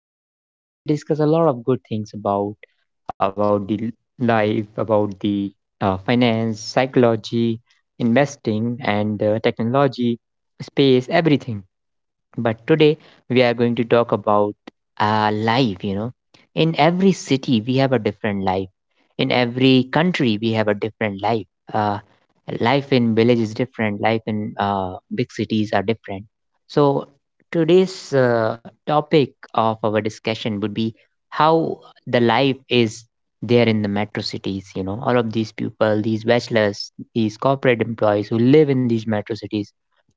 on my podcast where we discuss a lot of good things about the life, about the finance, psychology, investing, and technology, space, everything. But today we are going to talk about life, you know. In every city, we have a different life. In every country, we have a different life. Uh, Life in village is different, life in big cities are different. So, today's topic of our discussion would be how the life is there in the metro cities, you know, all of these people, these bachelors, these corporate employees who live in these metro cities,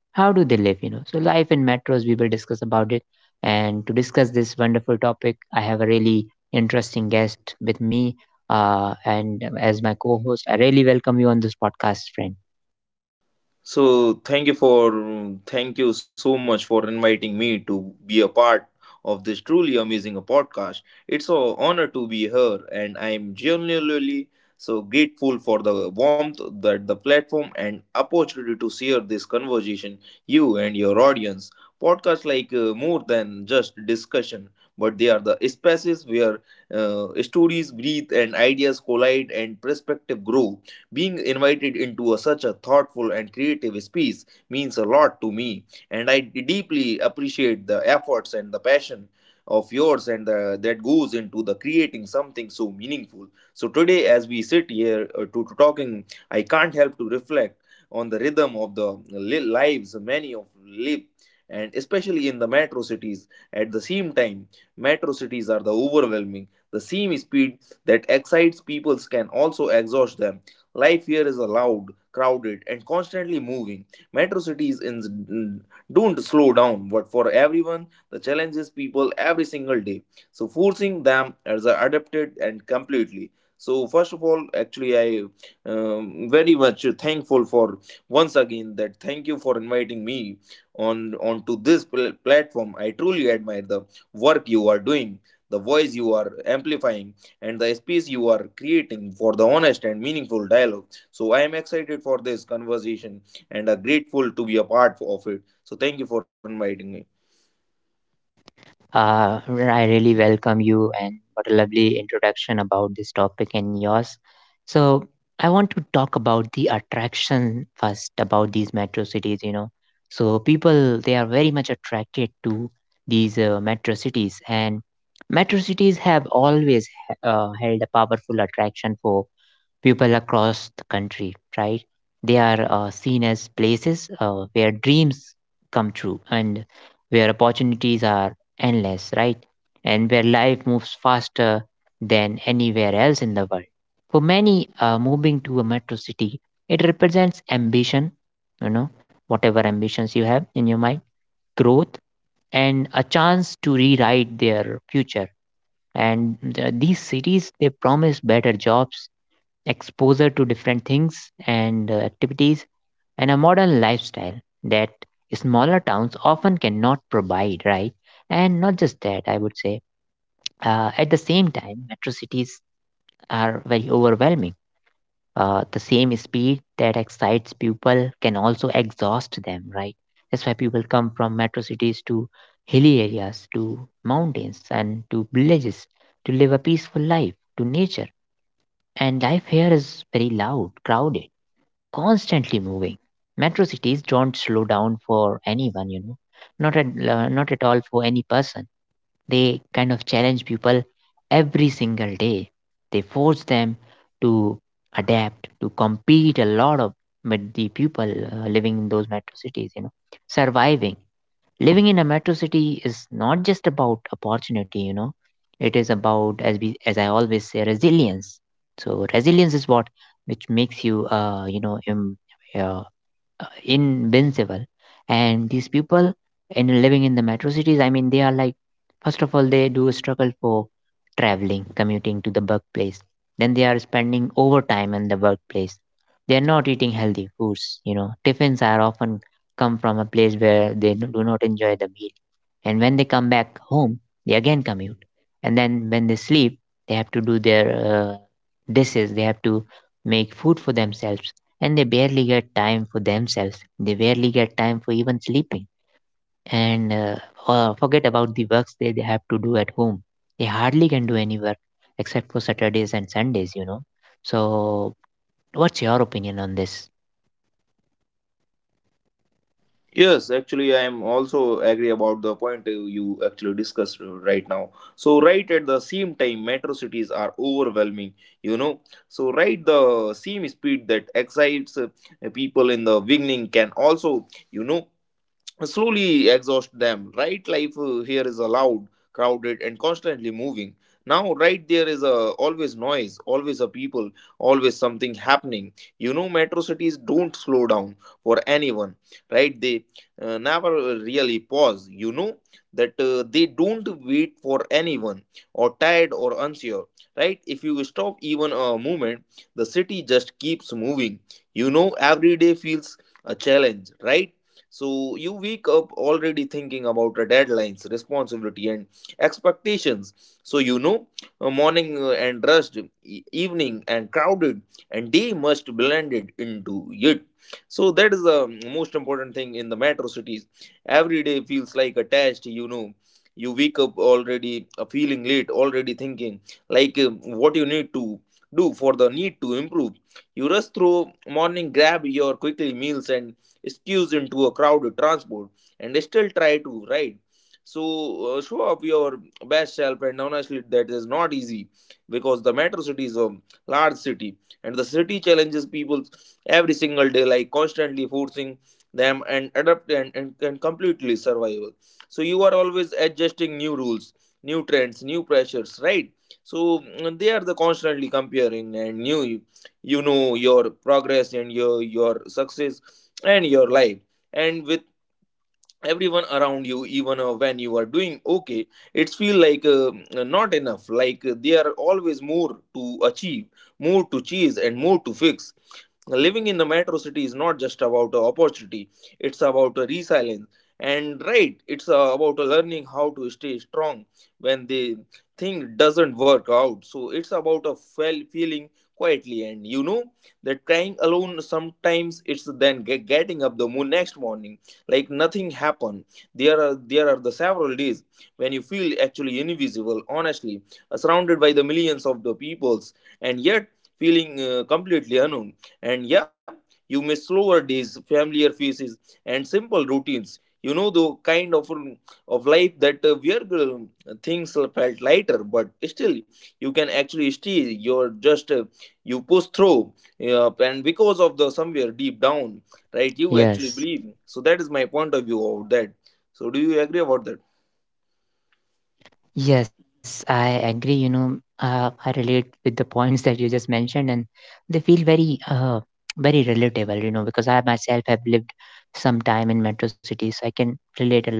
how do they live, you know? So life in metros we will discuss about it, and to discuss this wonderful topic I have a really interesting guest with me. And as my co-host, I really welcome you on this podcast, friend. So thank you for thank you so much for inviting me to be a part of this truly amazing podcast. It's an honor to be here, and I'm genuinely so grateful for the warmth that the platform and opportunity to share this conversation you and your audience. Podcasts like more than just discussion, but they are the spaces where stories breathe and ideas collide and perspective grow. Being invited into a, such a thoughtful and creative space means a lot to me, and I deeply appreciate the efforts and the passion of yours and the, that goes into the creating something so meaningful. So today, as we sit here to talking, I can't help to reflect on the rhythm of the lives many of live, and especially in the metro cities. At the same time, metro cities are the overwhelming. The same speed that excites people can also exhaust them. Life here is loud, crowded, and constantly moving. Metro cities in don't slow down, but for everyone, the challenge is people every single day. So forcing them as a adapted and completely. So first of all, actually, I very much thankful for once again that thank you for inviting me on onto this platform. I truly admire the work you are doing, the voice you are amplifying and the space you are creating for the honest and meaningful dialogue. So I am excited for this conversation and are grateful to be a part of it. So thank you for inviting me. I really welcome you, and what a lovely introduction about this topic and yours. So, I want to talk about the attraction first about these metro cities, you know. So, people they are very much attracted to these metro cities, and metro cities have always held a powerful attraction for people across the country, right? They are seen as places where dreams come true and where opportunities are endless, right? And where life moves faster than anywhere else in the world. For many, moving to a metro city, it represents ambition, you know, whatever ambitions you have in your mind, growth, and a chance to rewrite their future. And these cities, they promise better jobs, exposure to different things and activities, and a modern lifestyle that smaller towns often cannot provide, right? And not just that, I would say, at the same time, metro cities are very overwhelming. The same speed that excites people can also exhaust them, right? That's why people come from metro cities to hilly areas, to mountains, and to villages to live a peaceful life, to nature. And life here is very loud, crowded, constantly moving. Metro cities don't slow down for anyone, you know, not at all for any person. They kind of challenge people every single day. They force them to adapt, to compete a lot of with the people living in those metro cities, you know, surviving. Living in a metro city is not just about opportunity, you know, it is about, as we as I always say, resilience. So resilience is what which makes you you know invincible. And these people in living in the metro cities, I mean, they are like, first of all, they do struggle for traveling, commuting to the workplace, then they are spending overtime in the workplace, they are not eating healthy foods, you know, tiffins are often come from a place where they do not enjoy the meal. And when they come back home, they again commute. And then when they sleep, they have to do their dishes, they have to make food for themselves. And they barely get time for themselves. They barely get time for even sleeping. And Forget about the works they have to do at home. They hardly can do any work except for Saturdays and Sundays, you know. So, what's your opinion on this? Yes, actually, I am also agree about the point you actually discussed right now. So right at the same time, metro cities are overwhelming. You know, so right the same speed that excites people in the beginning can also, you know, slowly exhaust them, right? Life here is loud, crowded, and constantly moving now. Right, there is a always noise, always a people, always something happening. You know, metro cities don't slow down for anyone. Right, they never really pause. You know that they don't wait for anyone, or tired or unsure. Right, if you stop even a moment, the city just keeps moving. You know, every day feels a challenge, right? So you wake up already thinking about the deadlines, responsibility, and expectations. So you know, morning and rushed, evening and crowded, and day must blended into it. So that is the most important thing in the metro cities. Every day feels like a test. You know, you wake up already feeling late, already thinking like what you need to do for the need to improve. You rush through morning, grab your quickly meals and squeeze into a crowded transport and still try to ride. So show up your best self, and honestly, that is not easy because the metro city is a large city, and the city challenges people every single day, like constantly forcing them and adapt and completely survival. So you are always adjusting new rules, new trends, new pressures, right? So they are the constantly comparing and new, you know, your progress and your success and your life and with everyone around you even when you are doing okay, it's feel like not enough, like there are always more to achieve, more to chase and more to fix. Living in the metro city is not just about a opportunity, it's about a resilience. And right, it's about a learning how to stay strong when the thing doesn't work out. So it's about a feeling quietly and, you know, that crying alone sometimes it's then getting up the moon next morning like nothing happened. There are the several days when you feel actually invisible, honestly, surrounded by the millions of the peoples and yet feeling completely unknown. And yeah, you miss slower days, familiar faces, and simple routines. You know the kind of life that where things felt lighter, but still you can actually stay. You're just you push through, and because of the somewhere deep down, right? You actually Yes. believe. So that is my point of view of that. So do you agree about that? Yes, I agree. You know, I relate with the points that you just mentioned, and they feel very relatable. You know, because I myself have lived some time in metro cities, so I can relate a lot.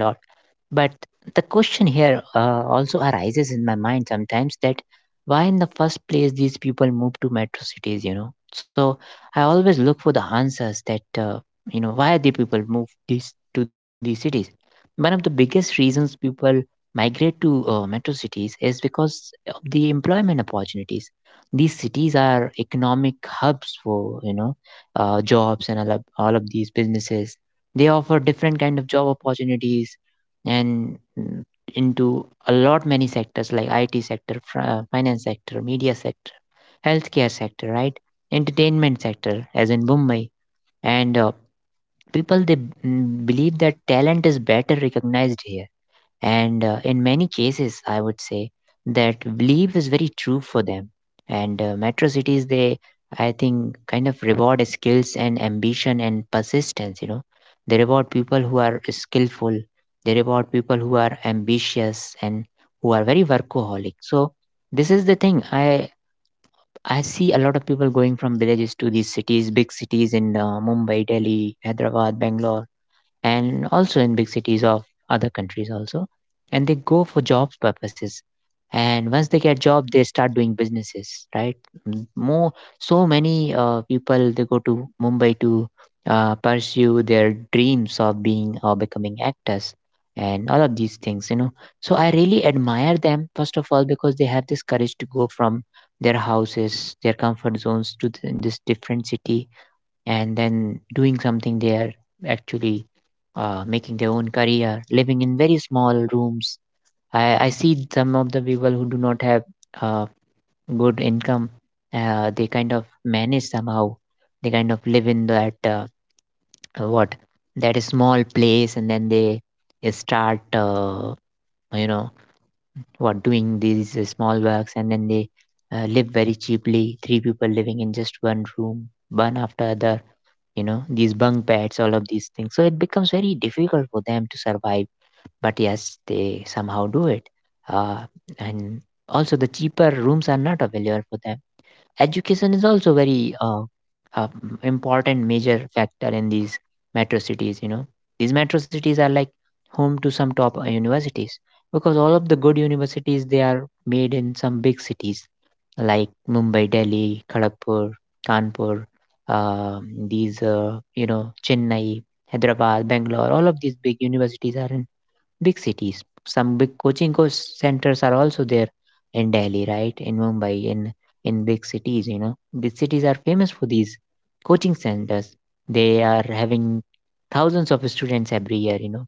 But the question here also arises in my mind sometimes that why in the first place these people move to metro cities, you know? So I always look for the answers that, you know, why the people move these to these cities. One of the biggest reasons people migrate to metro cities is because of the employment opportunities. These cities are economic hubs for, you know, jobs and all of these businesses. They offer different kind of job opportunities and into a lot many sectors like IT sector, finance sector, media sector, healthcare sector, right? Entertainment sector, as in Mumbai, and people they believe that talent is better recognized here, and in many cases, I would say that belief is very true for them. And metro cities, they, I think, kind of reward skills and ambition and persistence. You know, they reward people who are skillful, they reward people who are ambitious and who are very workaholic. So, this is the thing. I see a lot of people going from villages to these cities, big cities in Mumbai, Delhi, Hyderabad, Bangalore, and also in big cities of other countries also, and they go for jobs purposes, and once they get job they start doing businesses, right? More, so many people they go to Mumbai to pursue their dreams of being or becoming actors and all of these things, you know. So I really admire them first of all because they have this courage to go from their houses, their comfort zones, to this different city, and then doing something there, actually making their own career, living in very small rooms. I see some of the people who do not have uh, good income, they kind of manage somehow. They kind of live in that what that is small place, and then they start you know what doing these small works, and then they live very cheaply. Three people living in just one room, one after the, you know, these bunk beds, all of these things. So it becomes very difficult for them to survive, but yes, they somehow do it. uh, and also the cheaper rooms are not available for them. Education is also very important, major factor in these metro cities, you know. These metro cities are like home to some top universities, because all of the good universities they are made in some big cities like Mumbai, Delhi, Kharagpur, Kanpur, these Chennai, Hyderabad, Bangalore, all of these big universities are in big cities. Some big coaching centers are also there in Delhi, right? In Mumbai, in big cities, you know, big cities are famous for these coaching centers. They are having thousands of students every year, you know,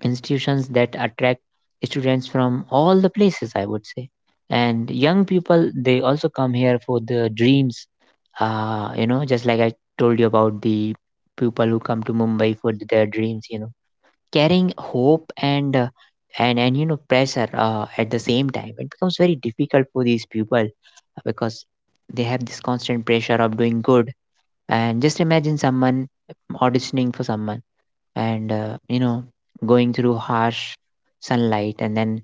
institutions that attract students from all the places, I would say. And young people, they also come here for the dreams. You know, just like I told you about the people who come to Mumbai for their dreams, you know, carrying hope and you know, pressure. At the same time it becomes very difficult for these people, because they have this constant pressure of doing good. And just imagine someone auditioning for someone, and, you know, going through harsh sunlight, and then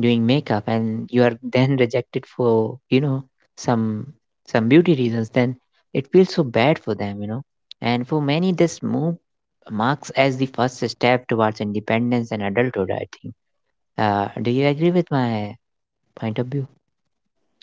doing makeup, and you are then rejected for, you know, some some beauty reasons, then it feels so bad for them, you know. And for many this move marks as the first step towards independence and adulthood, I think. Do you agree with my point of view?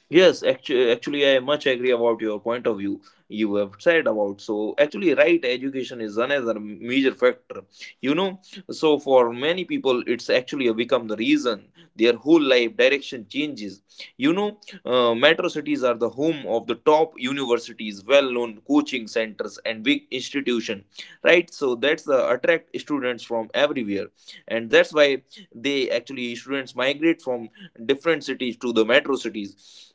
Yes, actually, I much agree about your point of view you have said about. So, actually, right, education is another major factor. You know, so for many people, it's actually become the reason their whole life direction changes. You know, metro cities are the home of the top universities, well-known coaching centers, and big institution, right? So that's the attract students from everywhere, and that's why they actually students migrate from different cities to the metro cities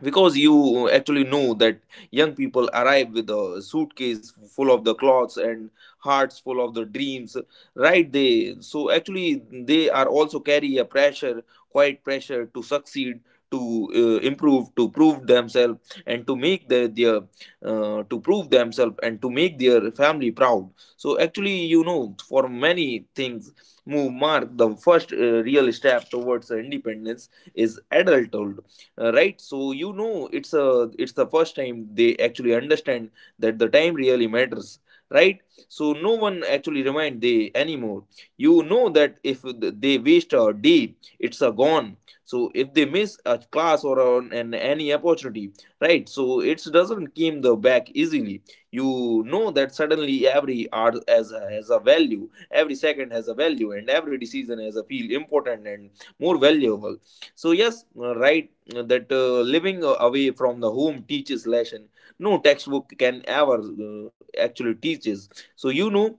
because you actually know that young people arrive with a suitcase full of the clothes and hearts full of the dreams. Right, they so actually they are also carry a pressure, quite pressure to succeed, to improve, to prove themselves and to make their to prove themselves and to make their family proud. So actually, you know, for many things, move mark the first real step towards independence is adulthood. Right, so you know it's a, it's the first time they actually understand that the time really matters, right? So no one actually remind they anymore. You know that if they waste a day, it's a gone. So if they miss a class or an any opportunity, right, so it doesn't came the back easily. You know that suddenly every hour has a value, every second has a value, and every decision has a feel important and more valuable. So yes, right, that living away from the home teaches lesson no textbook can ever actually teaches. So you know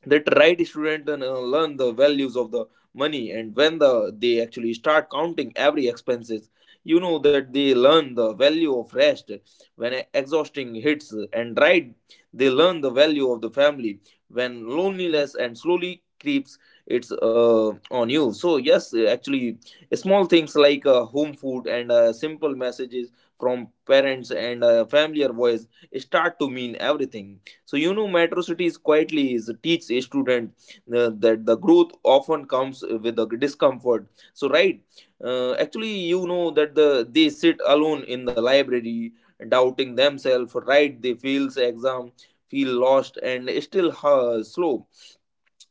that right, student learn the values of the money, and when the they actually start counting every expenses. You know that they learn the value of rest when exhausting hits. And right, they learn the value of the family when loneliness and slowly creeps it's on you. So yes actually, small things like home food and simple messages from parents and familiar voice start to mean everything. So you know, Metro Cities quietly is, teach a student that the growth often comes with the discomfort. So right, actually, you know that the they sit alone in the library, doubting themselves. Right, they fails exam, feel lost, and still slow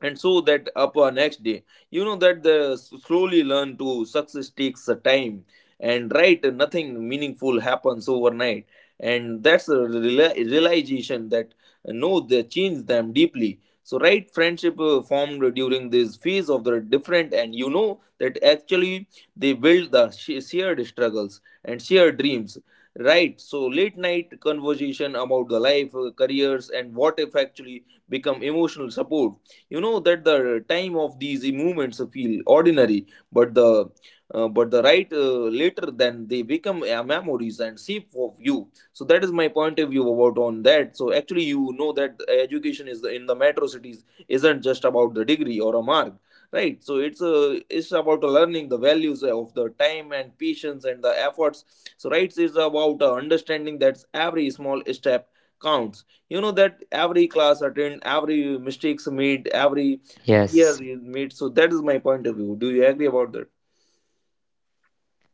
and so that upon next day. You know that they slowly learn to success takes a time, and right, nothing meaningful happens overnight. And that's a realization that no they change them deeply. So right, friendship formed during this phase of the different, and you know that actually they build the shared struggles and shared dreams. Right, so late night conversation about the life, careers and what if actually become emotional support. You know that the time of these movements feel ordinary, but the but the right later then they become memories and shape of you. So that is my point of view about on that. So actually, you know that education is in the metro cities isn't just about the degree or a mark, right? So it's a, it's about learning the values of the time and patience and the efforts. So rights is about understanding that every small step counts. You know that every class attend, every mistakes made, every year Yes. is made. So that is my point of view. Do you agree about that?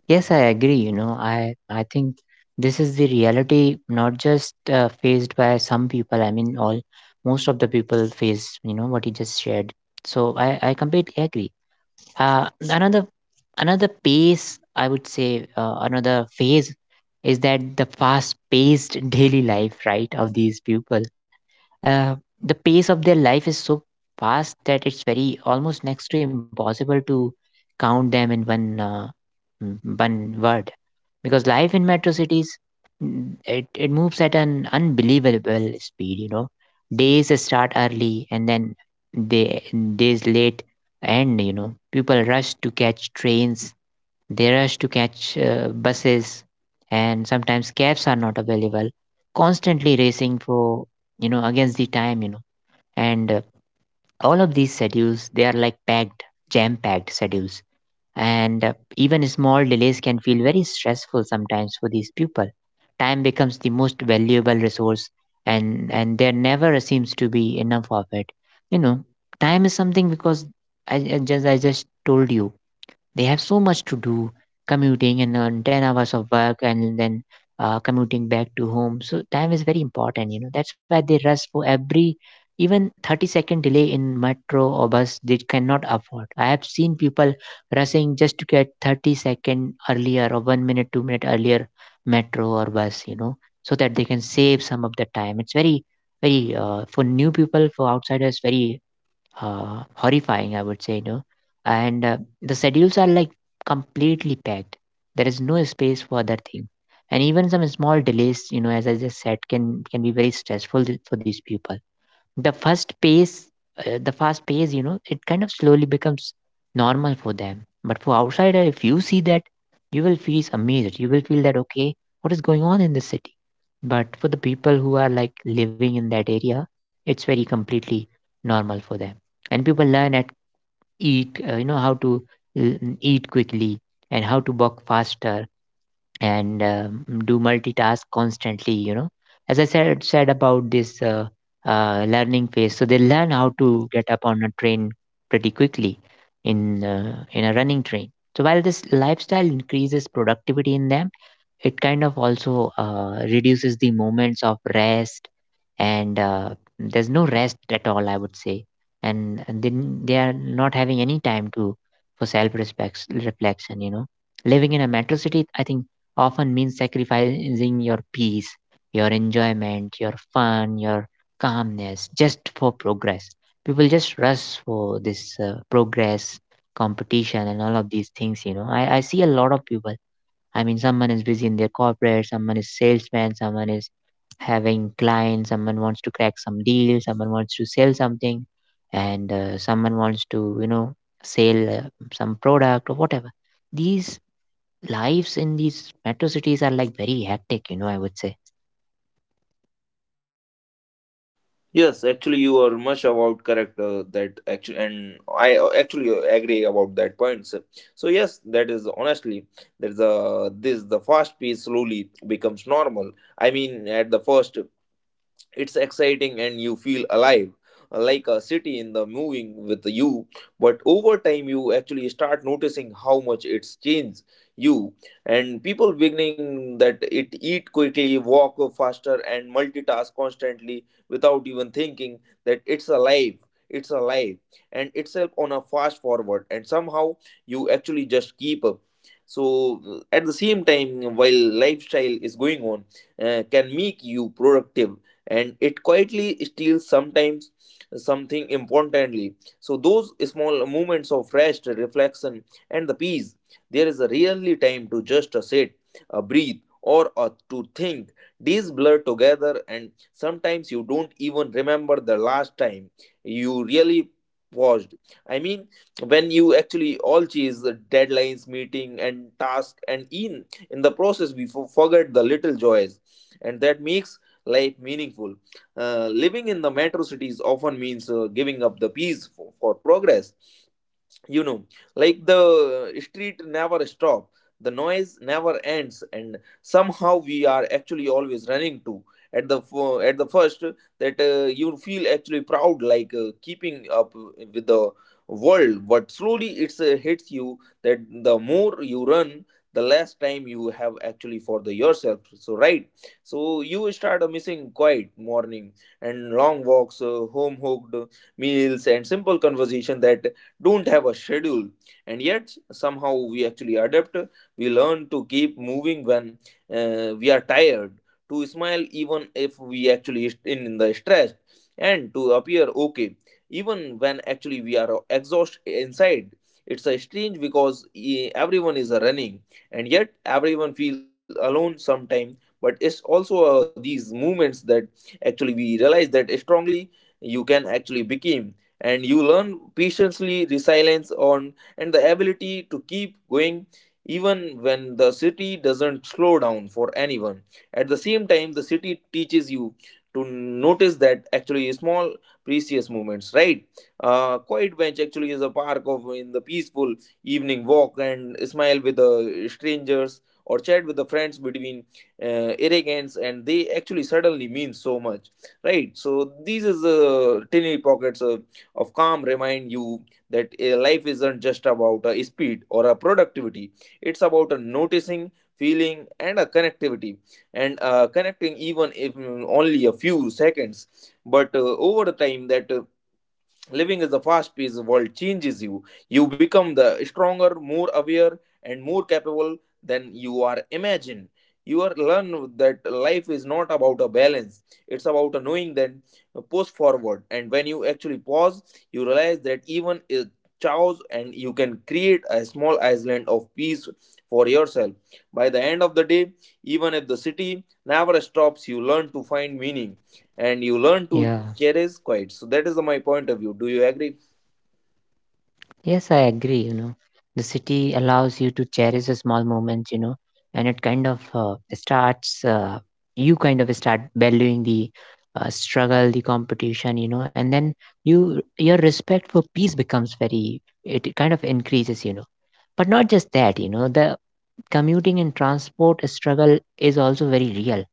Yes, I agree. You know, I think this is the reality not just faced by some people. I mean, all most of the people face. You know what he just shared. So I completely agree. Uh, another Another pace, I would say, another phase, is that the fast paced daily life, right, of these people. Uh, the pace of their life is so fast that it's very almost next to impossible to count them in one mm, one word, because life in metro cities, it moves at an unbelievable speed, you know. Days start early and then they days late end, you know. People rush to catch trains, they rush to catch buses, and sometimes cabs are not available, constantly racing for, you know, against the time, you know. And all of these schedules they are like packed, jam packed schedules. And even small delays can feel very stressful sometimes for these people. Time becomes the most valuable resource, and there never seems to be enough of it, you know. Time is something because I just told you, they have so much to do, commuting and earn 10 hours of work, and then commuting back to home. So time is very important, you know. That's why they rush for every even 30-second delay in metro or bus they cannot afford. I have seen people rushing just to get 30-second earlier or 1 minute 2-minute earlier metro or bus, you know, so that they can save some of the time. It's very very for new people for outsiders very horrifying, I would say. And the schedules are like completely packed. There is no space for other thing, and even some small delays, as I just said, can be very stressful for these people. The first pace uh, the fast pace it kind of slowly becomes normal for them, but for outsider, if you see that, you will feel amazed. You will feel that, okay, what is going on in this city? But for the people who are like living in that area, it's very completely normal for them. And people learn at eat how to eat quickly, and how to walk faster, and do multitask constantly. As I said about this learning phase, so they learn how to get up on a train pretty quickly, in a running train. So while this lifestyle increases productivity in them, it kind of also reduces the moments of rest, and there's no rest at all, I would say. And then they are not having any time to for self respect reflection. Living in a metro city, I think, often means sacrificing your peace, your enjoyment, your fun, your calmness, just for progress. People just rush for this progress, competition, and all of these things. I see a lot of people. I mean, someone is busy in their corporate, someone is salesman, someone is having clients, someone wants to crack some deal, someone wants to sell something, and someone wants to, sell some product or whatever. These lives in these metro cities are like very hectic, I would say. Yes, actually, you are much about correct that actually, and I actually agree about that point, sir. So yes, that is honestly, there's a this the fast pace slowly becomes normal. I mean, at the first it's exciting and you feel alive, like a city in the moving with you. But over time you actually start noticing how much it's changed you, and people beginning that it eat quickly, walk faster, and multitask constantly without even thinking that it's alive and itself on a fast forward, and somehow you actually just keep up. So at the same time while lifestyle is going on, can make you productive, and it quietly steals sometimes something importantly. So those small moments of rest, reflection, and the peace, there is rarely time to just sit, breathe, or to think. Days blur together, and sometimes you don't even remember the last time you really paused. I mean, when you actually all chase the deadlines, meeting, and task, and in the process we forget the little joys, and that makes life meaningful. Living in the metro cities often means giving up the peace for progress. you know like the street never stop. The noise never ends, and somehow we are actually always running to at the first. That you feel actually proud, like keeping up with the world, but slowly it's hits you that the more you run, the less time you have actually for the yourself. So right, so you start missing quiet morning and long walks, home hooked meals and simple conversation that don't have a schedule. And yet somehow we actually adapt. We learn to keep moving when we are tired, to smile even if we actually is in the stress, and to appear okay even when actually we are exhausted inside. It's a strange because everyone is running, and yet everyone feels alone sometime. But it's also these movements that actually we realize that strongly you can actually become, and you learn patiently resilience on, and the ability to keep going even when the city doesn't slow down for anyone. At the same time, the city teaches you to notice that actually small precious moments, right? Quiet bench actually is a park of in the peaceful evening walk, and smile with the strangers or chat with the friends between arrogance, and they actually suddenly mean so much, right? So these is the tiny pockets of calm remind you that life isn't just about a speed or a productivity. It's about a noticing, feeling, and a connectivity, and connecting even if only a few seconds. But over the time, that living in the fast paced world changes you. You become the stronger, more aware, and more capable than you are imagined. You are learn that life is not about a balance. It's about a knowing that push forward. And when you actually pause, you realize that even a chaos, and you can create a small island of peace for yourself. By the end of the day, even if the city never stops, you learn to find meaning, and you learn to Yeah, cherish quiet. So that is my point of view. Do you agree? yes, I agree. The city allows you to cherish the small moments, and it kind of starts, you kind of start valuing the struggle, the competition, and then your respect for peace becomes very, it kind of increases. But not just that, the commuting and transport struggle is also very real,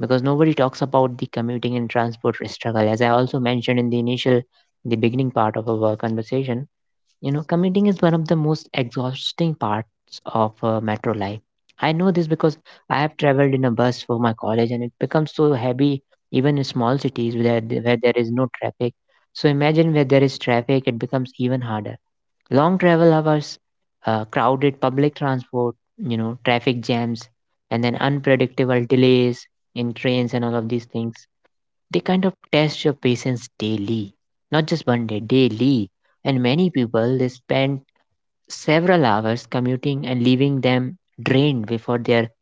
because nobody talks about the commuting and transport struggle. As I also mentioned in the beginning part of our conversation, commuting is one of the most exhausting parts of metro life. I know this because I have traveled in a bus for my college and it becomes so heavy, even in small cities where there is no traffic. So imagine, where there is traffic, it becomes even harder. Long travel hours, crowded public transport, traffic jams, and then unpredictable delays in trains and all of these things. They kind of test your patience daily, not just one day, daily, and many people they spend several hours commuting and leaving them drained before their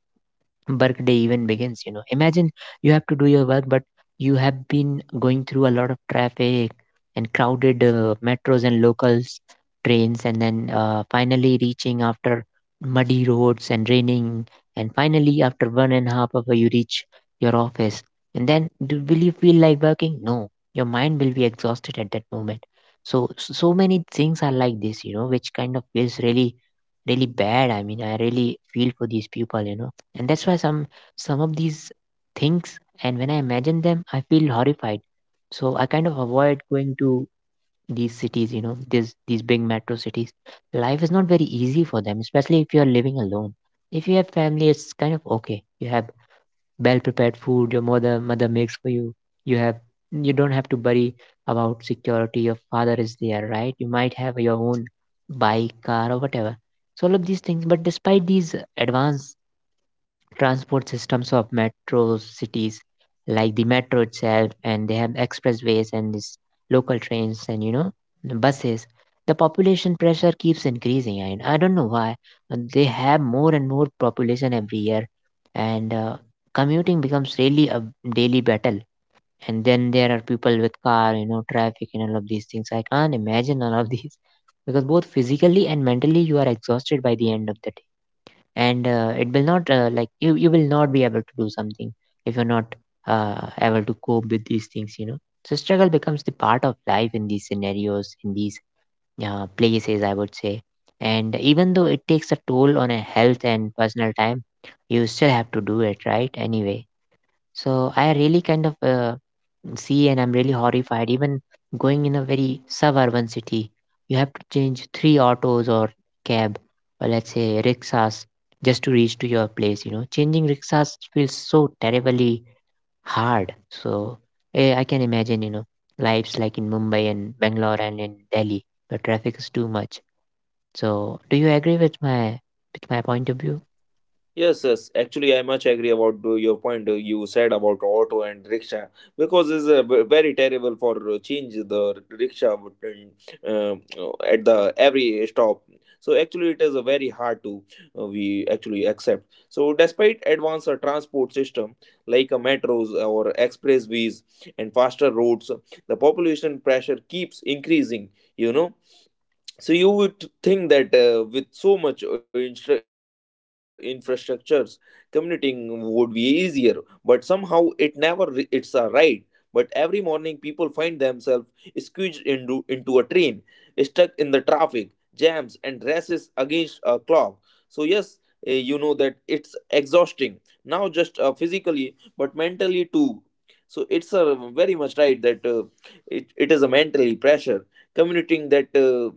workday even begins. Imagine, you have to do your work, but you have been going through a lot of traffic, and crowded metros and locals trains, and then finally reaching after muddy roads and raining, and finally after 1.5 hour you reach your office. And then, will you feel like working? No, your mind will be exhausted at that moment. So many things are like this, which kind of feels really really bad. I mean, I really feel for these people. And that's why some of these things, and when I imagine them, I feel horrified. So I kind of avoid going to these cities, these big metro cities. Life is not very easy for them, especially if you are living alone. If you have family, it's kind of okay, you have well prepared food, your mother makes for you, you have you don't have to worry about security, your father is there, right, you might have your own bike, car, or whatever. So all of these things, but despite these advanced transport systems of metro cities, like the metro itself, and they have expressways and these local trains, and the buses, the population pressure keeps increasing, and I don't know why. And they have more and more population every year, and commuting becomes really a daily battle. And then there are people with car, traffic and all of these things, I can't imagine all of these because both physically and mentally you are exhausted by the end of the day. And it will not like, you will not be able to do something if you're not able to cope with these things. So struggle becomes the part of life in these scenarios, in these places, I would say. And even though it takes a toll on a health and personal time, you still have to do it, right, anyway. So I really kind of see, and I'm really horrified. Even going in a very suburban city, you have to change three autos, or cab, or let's say rickshaws, just to reach to your place. Changing rickshaws feels so terribly hard. So I can imagine, lives like in Mumbai and Bangalore and in Delhi, where traffic is too much. So do you agree with my point of view? Yes, yes. Actually, I much agree about your point, you said about auto and rickshaw, because it's very terrible for change the rickshaw button, uh, at the every stop. So actually, it is very hard to we actually accept. So despite advanced transport system like a metros or expressways and faster roads, the population pressure keeps increasing. You know So you would think that with so much infrastructures, commuting would be easier, but somehow it never it's a ride. But every morning, people find themselves squeezed into a train, stuck in the traffic, jams, and races against a clock. So yes, you know that it's exhausting. Now just physically, but mentally too. So it's a very much right that it is a mentally pressure commuting that. Uh,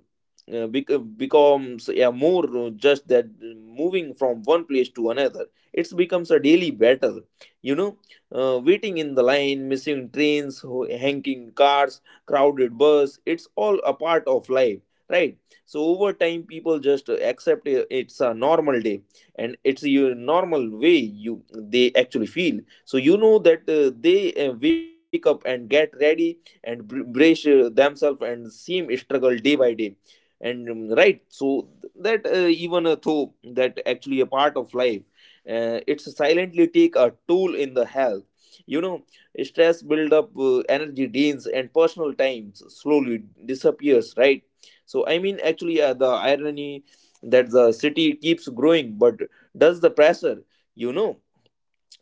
uh, bec- uh, becomes a more just that moving from one place to another, it becomes a daily battle. you know Waiting in the line, missing trains, hanging cars, crowded bus, it's all a part of life, right? So over time people just accept it's a normal day, and it's your normal way, you they actually feel. So you know that they wake up and get ready, and brace themselves and same struggle day by day. And right, so that even though that actually a part of life, it's silently take a toll in the health. you know Stress build up, energy drains, and personal times slowly disappears, right? So I mean actually the irony that the city keeps growing, but does the pressure. you know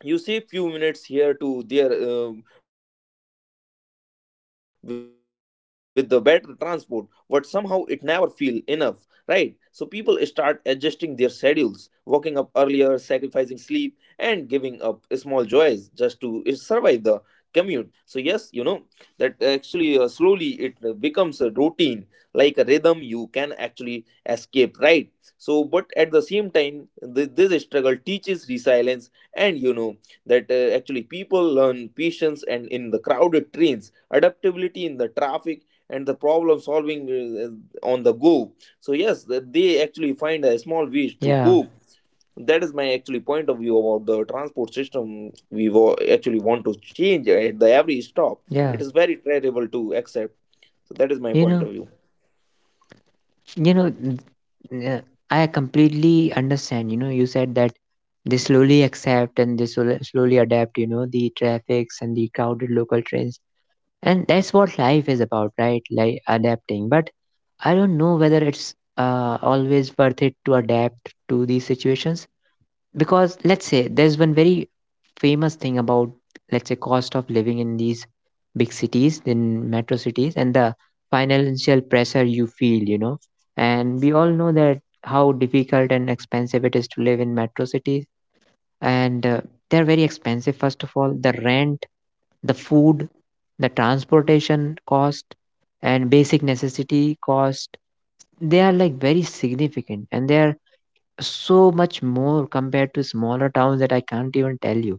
you save few minutes here to there with the better transport, but somehow it never feel enough, right? So people start adjusting their schedules, waking up earlier, sacrificing sleep, and giving up small joys just to survive the commute. So yes, you know that actually slowly it becomes a routine, like a rhythm you can actually escape, right? So, but at the same time, this struggle teaches resilience. And you know that actually people learn patience, and in the crowded trains adaptability in the traffic, and the problem solving on the go. So yes, that they actually find a small ways to Yeah, cope. That is my actually point of view about the transport system. We actually want to change at the every stop. It yeah. is very terrible to accept. So that is my you point know. of view. You know, n- uh, I completely understand. You said that they slowly accept and they slowly adapt, the traffics and the crowded local trains. And that's what life is about, right? Like adapting. But I don't know whether it's always worth it to adapt to these situations, because let's say there's one very famous thing about, let's say, cost of living in these big cities, in metro cities, and the financial pressure you feel. And we all know that how difficult and expensive it is to live in metro cities, and they're very expensive. First of all, the rent, the food, the transportation cost and basic necessity cost, they are like very significant, and they are so much more compared to smaller towns that I can't even tell you.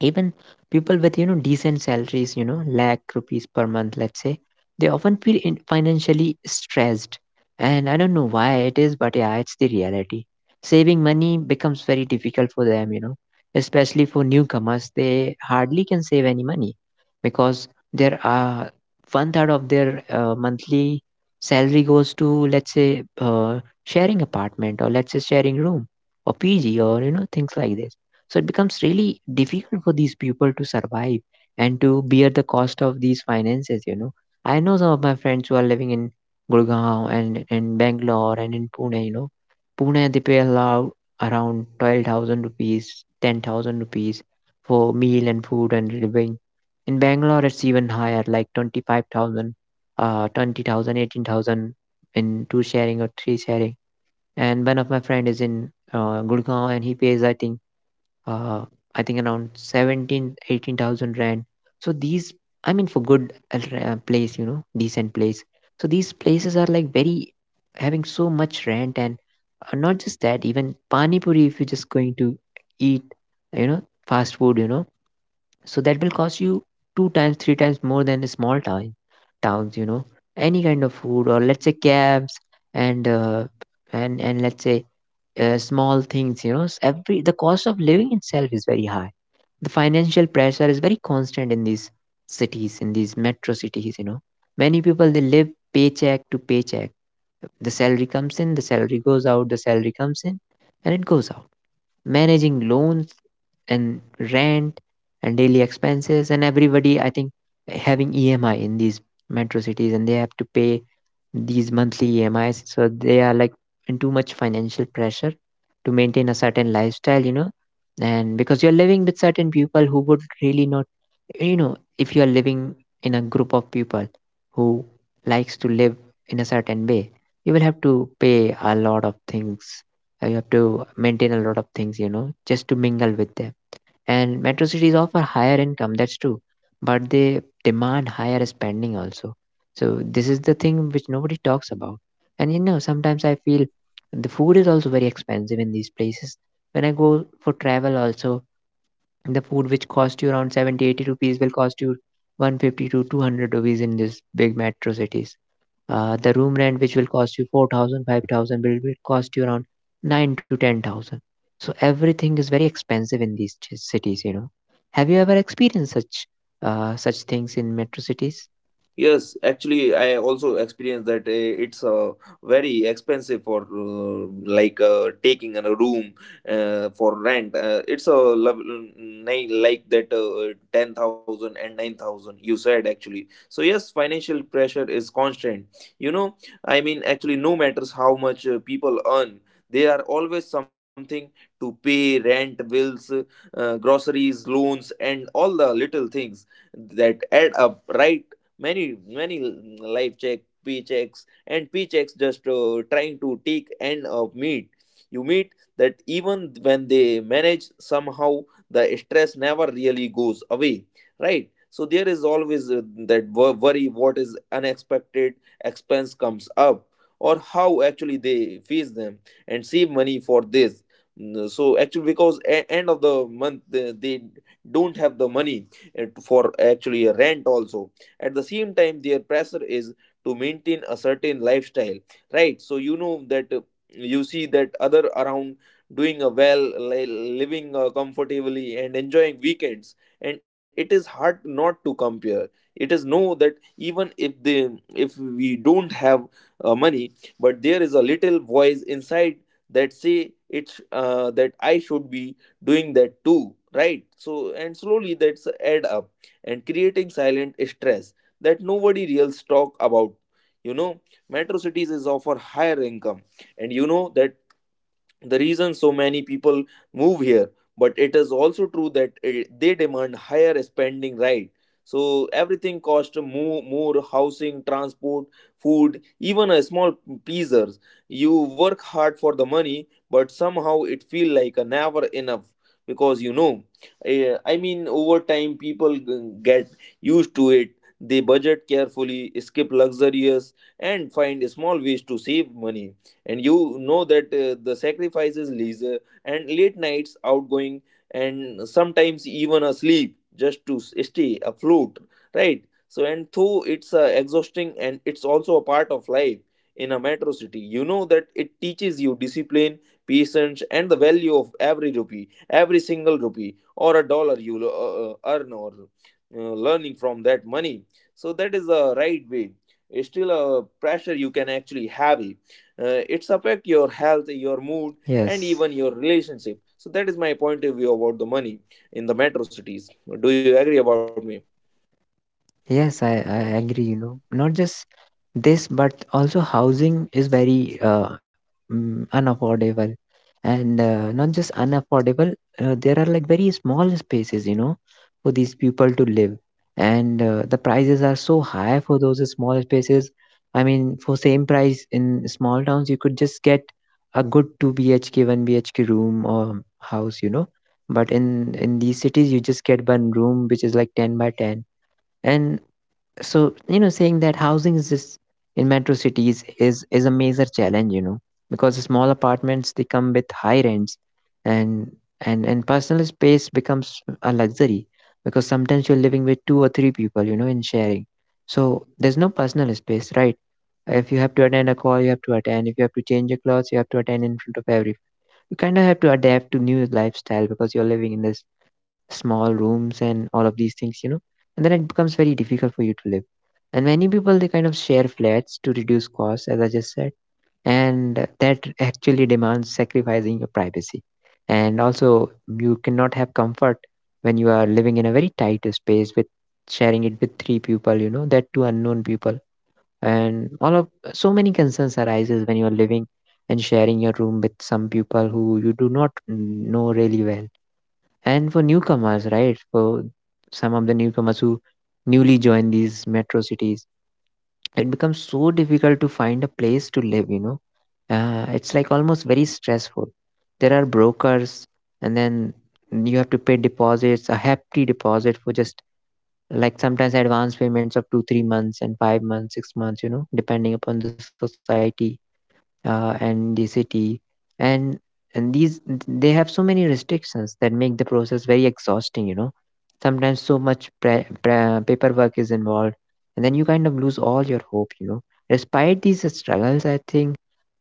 Even people with, decent salaries, lakh rupees per month, let's say, they often feel in financially stressed, and I don't know why it is, but yeah, it's the reality. Saving money becomes very difficult for them. Especially for newcomers, they hardly can save any money, because there are one third of their monthly salary goes to, let's say sharing apartment, or let's say sharing room or pg or things like this. So it becomes really difficult for these people to survive, and to bear the cost of these finances. I know some of my friends who are living in Gurgaon and in Bangalore and in Pune. Pune, they pay allow around 12,000 rupees, 10,000 rupees for meal and food and living. In Bangalore, it's even higher, like 25,000, 20,000, 18,000 in two sharing or three sharing. And one of my friend is in Gurgaon and he pays, uh, I think around 17, eighteen thousand 18,000 rand. So these, I mean, for good place, decent place. So these places are like very having so much rent, and not just that, even pani puri. If you're just going to eat, you know, fast food, so that will cost you two times, three times more than a small town, towns, any kind of food, or let's say cabs and uh, and let's say small things, every the cost of living itself is very high. The financial pressure is very constant in these cities, in these metro cities. Many people they live paycheck to paycheck, the salary comes in, the salary goes out, the salary comes in, and it goes out. Managing loans and rent and daily expenses and everybody, I think, having EMI in these metro cities, and they have to pay these monthly EMIs. So they are like in too much financial pressure to maintain a certain lifestyle. And because you're living with certain people who would really not, if you're living in a group of people who likes to live in a certain way, you will have to pay a lot of things. You have to maintain a lot of things, just to mingle with them. And metro cities offer higher income, that's true, but they demand higher spending also. So this is the thing which nobody talks about. And sometimes I feel the food is also very expensive in these places. When I go for travel also, the food which cost you around 70, 80 rupees will cost you 150 to 200 rupees in these big metro cities. The room rent, which will cost you 4,000, 5,000, will cost you around 9 to 10,000. So everything is very expensive in these cities, you know. Have you ever experienced such such things in metro cities? Yes, actually, I also experienced that it's very expensive for like taking a room for rent. It's a level nine like that ten thousand and nine thousand you said actually. So yes, financial pressure is constant. You know, I mean, actually, no matters how much people earn, there are always something to pay rent, bills, groceries, loans, and all the little things that add up, right? many life check p checks and p checks just trying to take end of meet you meet, that even when they manage somehow the stress never really goes away, right? So there is always that worry what is unexpected expense comes up, or how actually they face them and save money for this. So actually, because end of the month, they don't have the money for actually a rent also. At the same time, their pressure is to maintain a certain lifestyle, right? So you know that you see that other around doing a well, living comfortably and enjoying weekends, and it is hard not to compare. It is know that even if they, if we don't have money, but there is a little voice inside that say it's that I should be doing that too, right? So and slowly that's add up and creating silent stress that nobody else talk about you know Metro cities is offer higher income, and you know that the reason so many people move here, but it is also true that they demand higher spending, right? So everything costs more, housing, transport, food, even a small pizzas. You work hard for the money, but somehow it feel like a never enough because I mean, over time people get used to it. They budget carefully, skip luxurious, and find small ways to save money. And you know that the sacrifices leisure and late nights outgoing, and sometimes even asleep just to stay afloat, right? So and though it's exhausting, and it's also a part of life in a metro city, you know that it teaches you discipline, patience, and the value of every rupee, every single rupee, or a dollar you earn, or learning from that money. So that is the right way. It's still a pressure you can actually have it. It's affect your health, your mood, and Yes, even your relationship. So that is my point of view about the money in the metro cities. Do you agree about me? My point. yes, I agree. You know, not just this, but also housing is very unaffordable, and not just unaffordable. There are like very small spaces, you know, for these people to live, and the prices are so high for those small spaces. I mean, for same price in small towns, you could just get a good two BHK, one BHK room or house, you know. But in these cities, you just get one room which is like 10 by 10. And so, you know, saying that housing is just in metro cities is a major challenge, you know, because small apartments, they come with high rents. And and and personal space becomes a luxury, because sometimes you're living with two or three people, you know, in sharing, so there's no personal space, right? If you have to attend a call, you have to attend. If you have to change your clothes, you have to attend in front of every. You kind of have to adapt to new lifestyle because you're living in this small rooms and all of these things, you know. And then it becomes very difficult for you to live, and many people, they kind of share flats to reduce costs, as I just said. And that actually demands sacrificing your privacy, and also you cannot have comfort when you are living in a very tight space with sharing it with three people, you know, that two unknown people. And all of, so many concerns arises when you are living and sharing your room with some people who you do not know really well. And for newcomers, right, for some of the newcomers who newly join these metro cities, it becomes so difficult to find a place to live, you know. It's like almost very stressful. There are brokers, and then you have to pay deposits, a hefty deposit, for just like sometimes advance payments of 2 3 months and 5 months 6 months, you know, depending upon the society and the city. And and these they have so many restrictions that make the process very exhausting, you know. Sometimes so much paperwork is involved, and then you kind of lose all your hope, you know. Despite these struggles, I think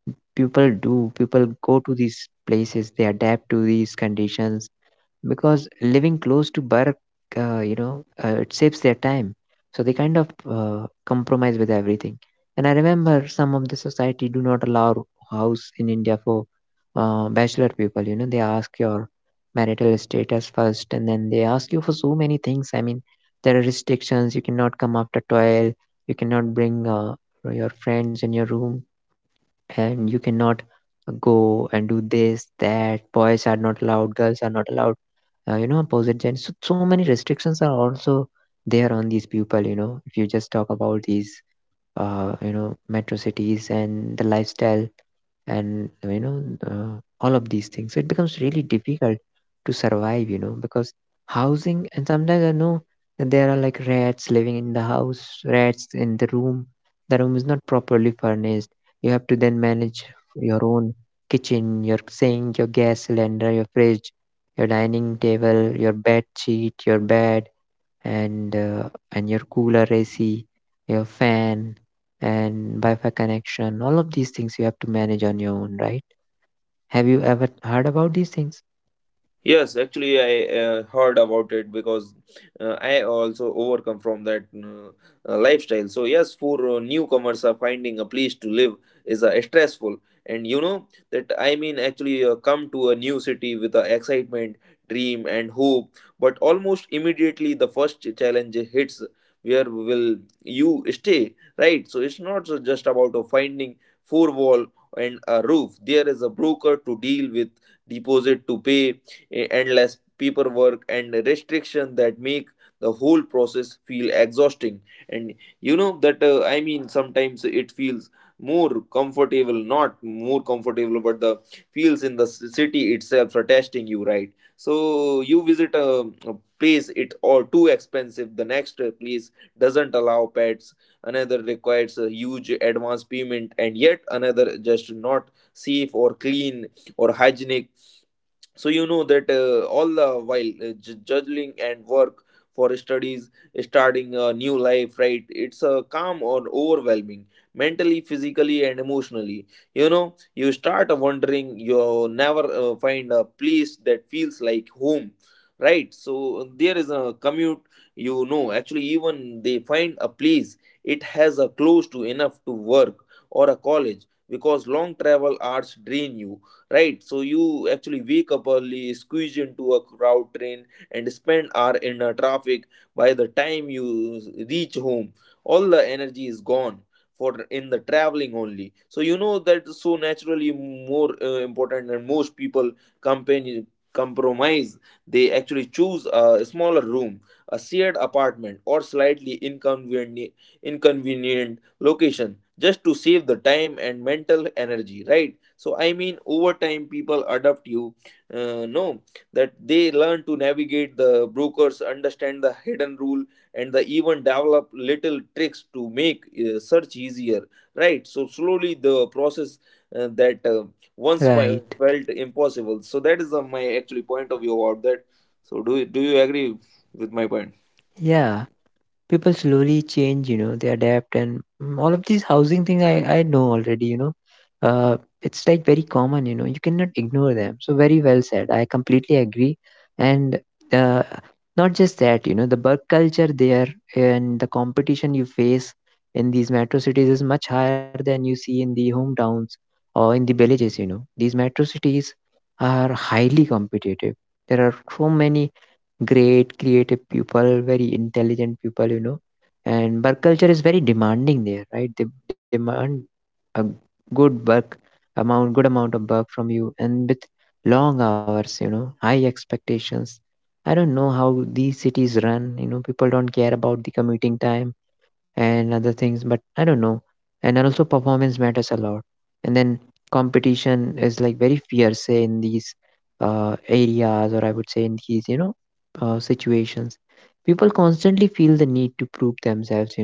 people do, people go to these places, they adapt to these conditions, because living close to work, you know, it saves their time. So they kind of compromise with everything. And I remember some of the society do not allow house in India for bachelor people. You know, they ask your marital status first, and then they ask you for so many things. I mean, there are restrictions. You cannot come after 12. You cannot bring your friends in your room, and you cannot go and do this, that. Boys are not allowed. Girls are not allowed, you know, opposite gender. So so many restrictions are also there on these people, you know. If you just talk about these you know, metro cities and the lifestyle, and you know, all of these things, so it becomes really difficult to survive, you know, because housing. And sometimes I know that there are like rats living in the house, rats in the room, the room is not properly furnished. You have to then manage your own kitchen, your sink, your gas cylinder, your fridge, your dining table, your bed sheet, your bed, and your cooler, AC, your fan, and Wi-Fi connection. All of these things you have to manage on your own, right? Have you ever heard about these things? Yes, actually, I heard about it, because I also overcome from that lifestyle. So yes, for newcomers, are finding a place to live is stressful, and you know that I mean actually come to a new city with excitement, dream, and hope. But almost immediately, the first challenge hits. Where will you stay? Right. So it's not so just about finding four wall and a roof. There is a broker to deal with, deposit to pay, endless paperwork and restrictions that make the whole process feel exhausting. And you know that I mean sometimes it feels more comfortable, not more comfortable, but the feels in the city itself are testing you, right? So you visit a place, it or too expensive, the next place doesn't allow pets, another requires a huge advance payment, and yet another just not safe or clean or hygienic. So you know that all the while juggling and work for studies, starting a new life, right? It's a calm or overwhelming, mentally, physically, and emotionally. You know, you start wondering, you never find a place that feels like home. Right, so there is a commute. You know, actually even they find a place, it has a close to enough to work or a college, because long travel hours drain you, right? So you actually wake up early, squeeze into a crowd train, and spend hour in a traffic. By the time you reach home, all the energy is gone for in the traveling only. So you know that so naturally more important, and most people company compromise, they actually choose a smaller room, a shared apartment, or slightly inconvenient inconvenient location just to save the time and mental energy, right? So over time people adopt you, know, that they learn to navigate the brokers, understand the hidden rule, and they even develop little tricks to make search easier. Right, so slowly the process that once Right. Felt impossible. So that is my actually point of view about that. So do you agree with my point? Yeah. People slowly change, you know. They adapt, and mm, all of these housing thing I know already, you know. uh, it's like very common, you know. You cannot ignore them. So, very well said, I completely agree. And uh, not just that, you know, the work culture there and the competition you face in these metro cities is much higher than you see in the hometowns or in the villages, you know. These metro cities are highly competitive. There are so many great creative people, very intelligent people, you know. And work culture is very demanding there, right? They demand a good work amount, good amount of work from you, and with long hours, you know, high expectations. I don't know how these cities run. You know, people don't care about the commuting time and other things, but I don't know. And also performance matters a lot. And then competition is like very fierce, say, in these areas, or I would say in these, you know, situations, people constantly feel the need to prove themselves, you know.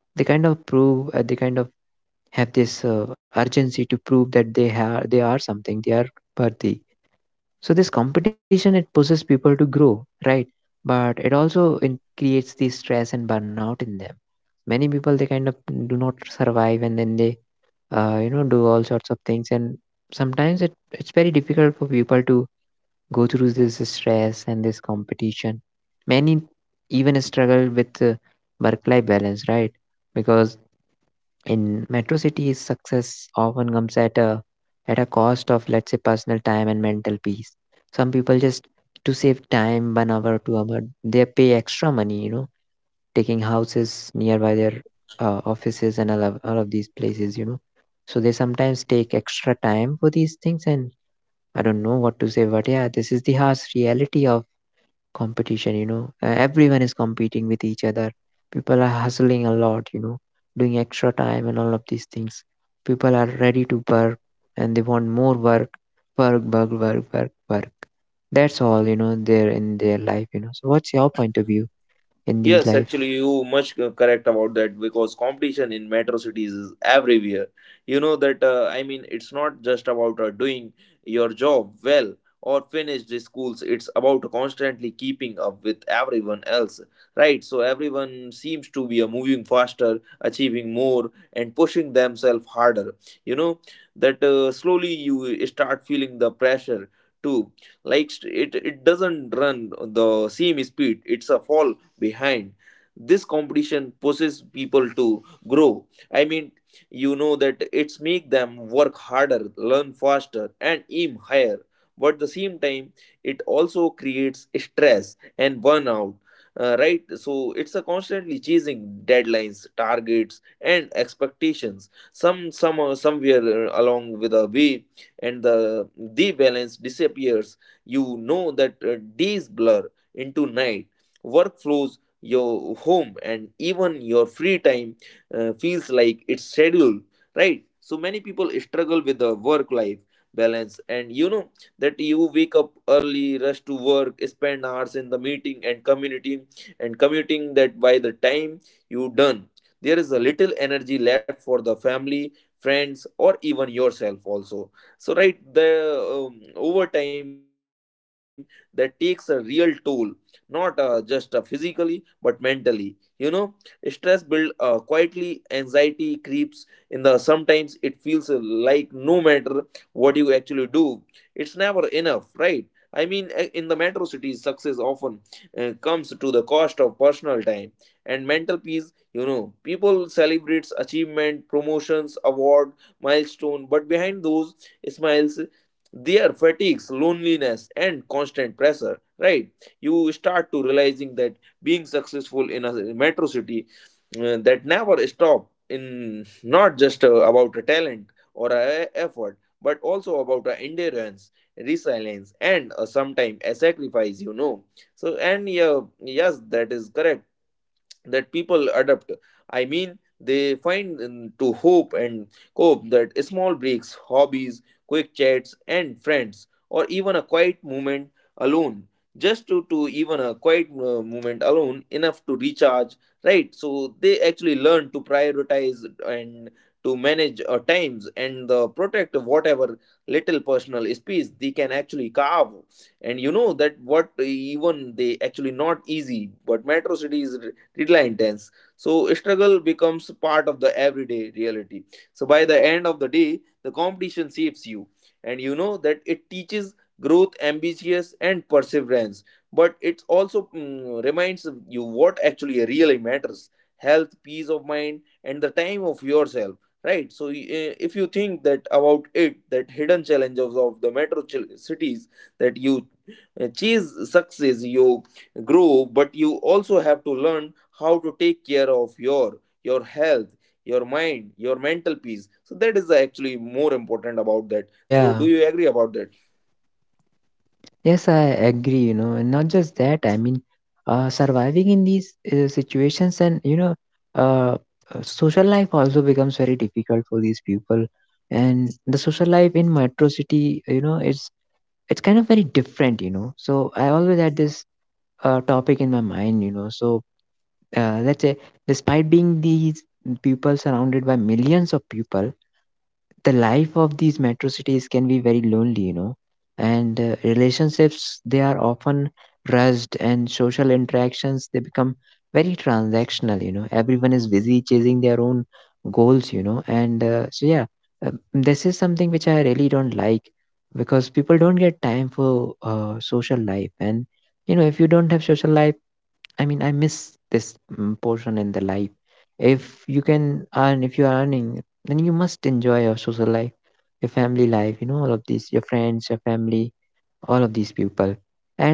They kind of prove, they kind of have this urgency to prove that they are something, they are worthy. So this competition, it pushes people to grow, right? But it also in, creates the stress and burnout in them. Many people, they kind of do not survive, and then they you know, do all sorts of things. And sometimes it's very difficult for people to go through this stress and this competition. Many even struggle with work-life balance, right? Because in metro cities success often comes at a, at a cost of, let's say, personal time and mental peace. Some people just to save time, 1 hour or 2 hour, they pay extra money, you know, taking houses nearby their offices, and all of these places, you know. So they sometimes take extra time for these things. And I don't know what to say, but yeah, this is the harsh reality of competition, you know. Everyone is competing with each other. People are hustling a lot, you know, doing extra time and all of these things. People are ready to work, and they want more work. Work, work, work, work, work, that's all, you know, there in their life. You know, so what's your point of view in this life? Yes, actually, you much correct about that, because competition in metro cities is everywhere. It's not just about doing your job well or finish the schools. It's about constantly keeping up with everyone else, right? So everyone seems to be moving faster, achieving more, and pushing themselves harder. You know that Slowly you start feeling the pressure too. Like it, it doesn't run the same speed. It's a fall behind. This competition pushes people to grow. I mean you know that It's make them work harder, learn faster, and aim higher. But at the same time it also creates stress and burnout. Right, so it's a constantly chasing deadlines, targets, and expectations. Somewhere along with the way, and the balance disappears. You know that Days blur into night, workflows, your home, and even your free time feels like it's scheduled, right? So many people struggle with the work life balance, and you know that you wake up early, rush to work, spend hours in the meeting and community, and commuting, that by the time you done, there is a little energy left for the family, friends, or even yourself also. So right, the overtime, that takes a real toll, not just physically but mentally. You know, stress build quietly, anxiety creeps in. The sometimes it feels like no matter what you actually do, it's never enough, right? I mean, in the metro cities, success often comes to the cost of personal time and mental peace. You know, people celebrates achievement, promotions, award, milestone, but behind those smiles, there fatigues, loneliness, and constant pressure. Right? You start to realizing that being successful in a metro city that never stop in, not just about a talent or a effort but also about a endurance, resilience, and sometimes a sacrifice. You know. So and yeah, yes, that is correct, that people adapt. They find to hope and cope, that small breaks, hobbies, quick chats and friends, or even a quiet moment alone, just to even a quiet moment alone, enough to recharge, right? So they actually learn to prioritize and to manage times, and the protect whatever little personal space they can actually carve. And you know that what even they actually not easy, but metro cities little intense. So struggle becomes part of the everyday reality. So by the end of the day, the competition shapes you, and you know that it teaches growth, ambitious, and perseverance. But it also reminds you what actually really matters: health, peace of mind, and the time of yourself. Right. So if you think that about it, that hidden challenges of the metro cities, that you chase success, you grow, but you also have to learn how to take care of your health, your mind, your mental peace. So that is actually more important about that. Yeah. So do you agree about that? Yes, I agree, you know, and not just that, I mean, surviving in these situations, and you know, uh, social life also becomes very difficult for these people. And the social life in metro city, you know, it's kind of very different, you know. So I always had this topic in my mind, you know. So, let's say, despite being these people surrounded by millions of people, the life of these metro cities can be very lonely, you know, and relationships, they are often rushed, and social interactions, they become very transactional, you know. Everyone is busy chasing their own goals, you know, and so yeah, this is something which I really don't like, because people don't get time for social life. And you know, if you don't have social life, I mean, I miss this mm, portion in the life. If you can earn, if you are earning, then you must enjoy your social life, your family life, you know, all of these, your friends, your family, all of these people. And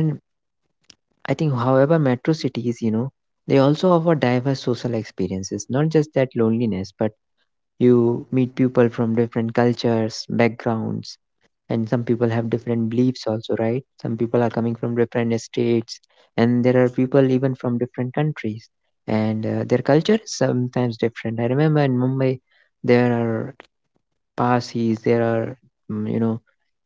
I think, however, metro cities, you know, they also offer diverse social experiences, not just that loneliness, but you meet people from different cultures, backgrounds, and some people have different beliefs also, right? Some people are coming from different states, and there are people even from different countries, and their culture is sometimes different. I remember in Mumbai, there are Parsis, there are mm, you know,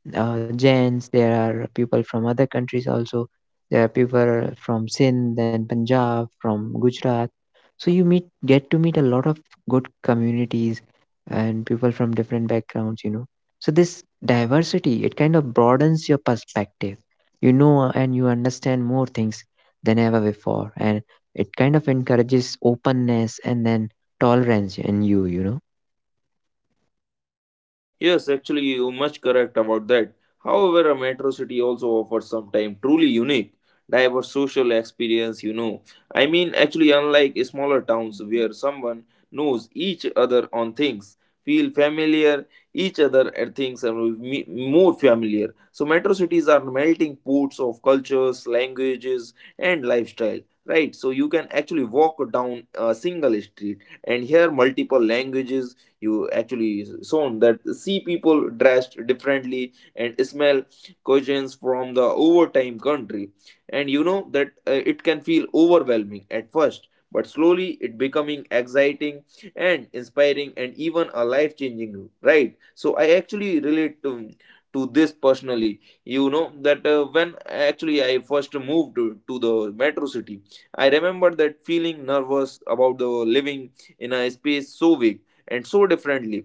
Jains, there are people from other countries also. There are people from Sindh and Punjab, from Gujarat. So you meet get to meet a lot of good communities and people from different backgrounds, you know. So this diversity, it kind of broadens your perspective. You know, and you understand more things than ever before. And it kind of encourages openness and then tolerance in you, you know. Yes, actually, you're much correct about that. However, a metro city also offers sometimes truly unique, diverse social experience, you know. I mean, actually, unlike smaller towns where someone knows each other on things, feel familiar each other at things and will more familiar. So metro cities are melting pots of cultures, languages, and lifestyle. Right, so you can actually walk down a single street and hear multiple languages, you actually shown that see people dressed differently and smell cuisines from the overtime country. And you know that it can feel overwhelming at first, but slowly it becoming exciting and inspiring, and even a life changing, right? So I actually relate to this personally. You know that When actually I first moved to the metro city, I remember that feeling nervous about the living in a space so big and so differently.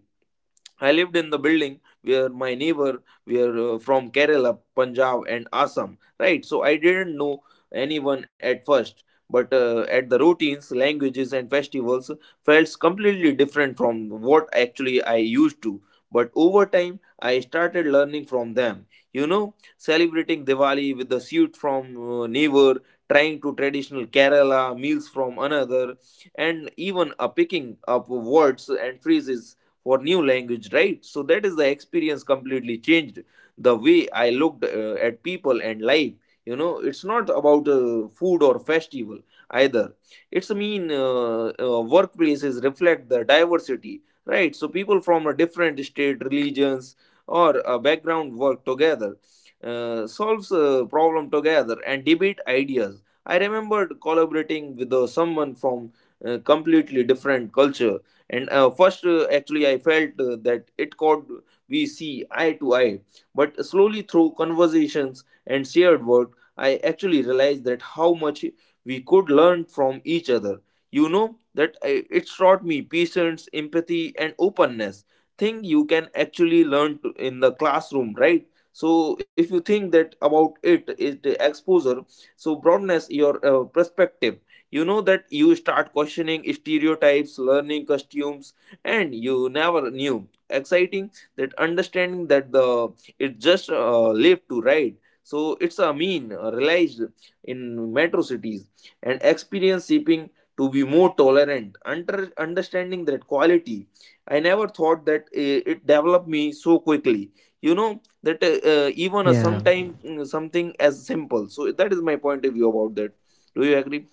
I lived in the building where my neighbor were from Kerala, Punjab, and Assam, right? So I didn't know anyone at first, but at the routines, languages, and festivals felt completely different from what actually I used to. But over time, I started learning from them. You know, celebrating Diwali with the suit from neighbor, trying to traditional Kerala meals from another, and even picking up words and phrases for new language. Right, so that is the experience completely changed the way I looked at people and life. You know, it's not about food or festival either, it's mean workplaces reflect the diversity, right? So people from a different state, religions, or a background work together, solves a problem together and debate ideas. I remembered collaborating with someone from completely different culture, and first actually I felt that it could we see eye to eye. But slowly through conversations and shared work, I actually realized that how much we could learn from each other. You know that it taught me patience, empathy, and openness, thing you can actually learn in the classroom, right? So if you think that about it, is the exposure so broadness your perspective. You know that you start questioning stereotypes, learning costumes, and you never knew. Exciting that understanding that the it just left to right. So it's a mean realized in metro cities, and experience shipping to be more tolerant. Under understanding that quality, I never thought that it developed me so quickly. You know that Yeah. Even a sometime something as simple. So that is my point of view about that. Do you agree?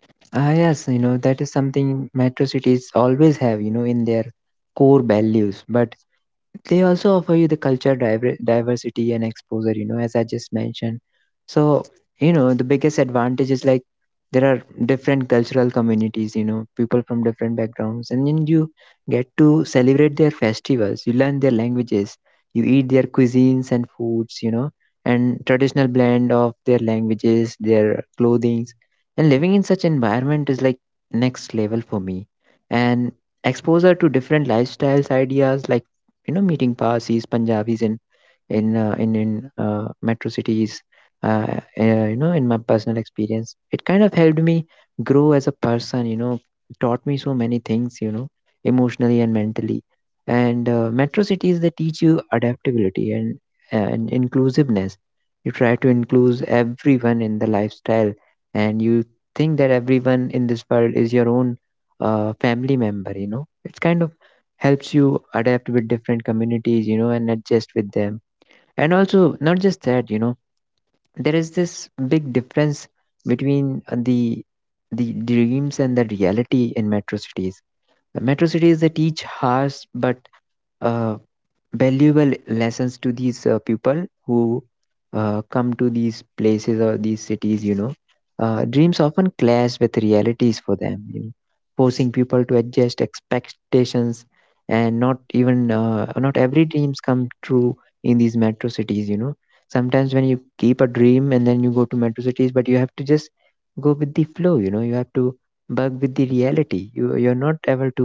Ah, yes, you know, that is something metro cities always have, you know, in their core values. But they also offer you the culture diversity and exposure, you know, as I just mentioned. So you know, the biggest advantage is like there are different cultural communities, you know, people from different backgrounds, and then you get to celebrate their festivals, you learn their languages, you eat their cuisines and foods, you know, and traditional blend of their languages, their clothings. And living in such environment is like next level for me. And exposure to different lifestyles, ideas, like, you know, meeting Parsis, Punjabis, and in metro cities. Uh, you know, in my personal experience, it kind of helped me grow as a person. You know, taught me so many things. You know, emotionally and mentally. And metro cities, they teach you adaptability and inclusiveness. You try to include everyone in the lifestyle, and you think that everyone in this world is your own family member. You know, it's kind of helps you adapt with different communities, you know, and adjust with them. And also, not just that, you know, there is this big difference between the dreams and the reality in metro cities. Metro cities, they teach harsh but uh, valuable lessons to these people who come to these places or these cities, you know. Dreams often clash with realities for them, you know, forcing people to adjust expectations. And not every dreams come true in these metro cities, you know. Sometimes when you keep a dream and then you go to metro cities, but you have to just go with the flow, you know. You have to bug with the reality, you're not able to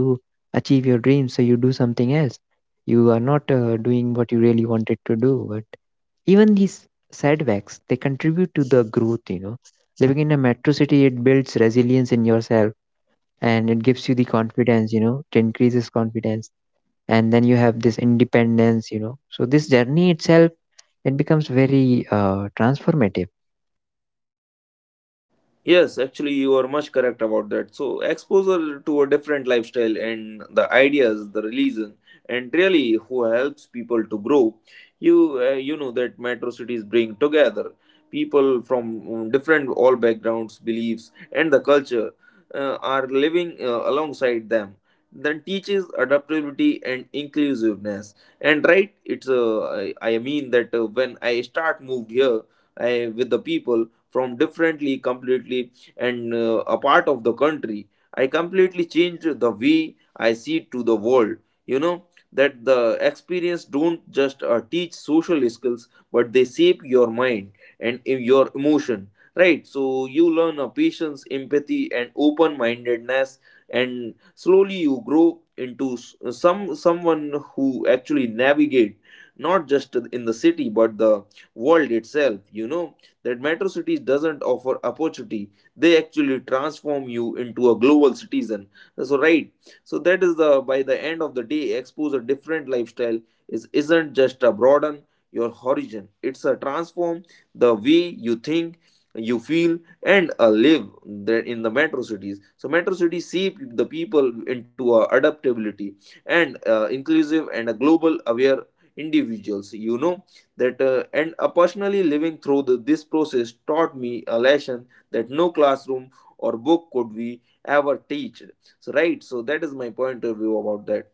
achieve your dreams, so you do something else. You are not doing what you really wanted to do. But even these setbacks, they contribute to the growth, you know. Living in a metro city, it builds resilience in yourself, and it gives you the confidence, you know, it increases confidence. And then you have this independence, you know. So this journey itself, it becomes very transformative. Yes, actually, you are much correct about that. So exposure to a different lifestyle and the ideas, the religion, and really who helps people to grow. You know that metro cities bring together people from different all backgrounds, beliefs, and the culture are living alongside them. Then teaches adaptability and inclusiveness. And right, it's I mean that when I start moved here, I, with the people from differently completely and a part of the country, I completely changed the way I see to the world. You know that the experience don't just teach social skills, but they shape your mind and in your emotion, right? So you learn a patience, empathy, and open mindedness, and slowly you grow into someone who actually navigate not just in the city but the world itself. You know that metro cities doesn't offer opportunity, they actually transform you into a global citizen. So right, so that is the, by the end of the day, exposure different lifestyle is isn't just a broaden your horizon, it's a transform the way you think, you feel, and live there in the metro cities. So metro cities shape the people into a adaptability and inclusive and a global aware individuals. You know that and Personally living through this process taught me a lesson that no classroom or book could we ever teach. So right, so that is my point of view about that,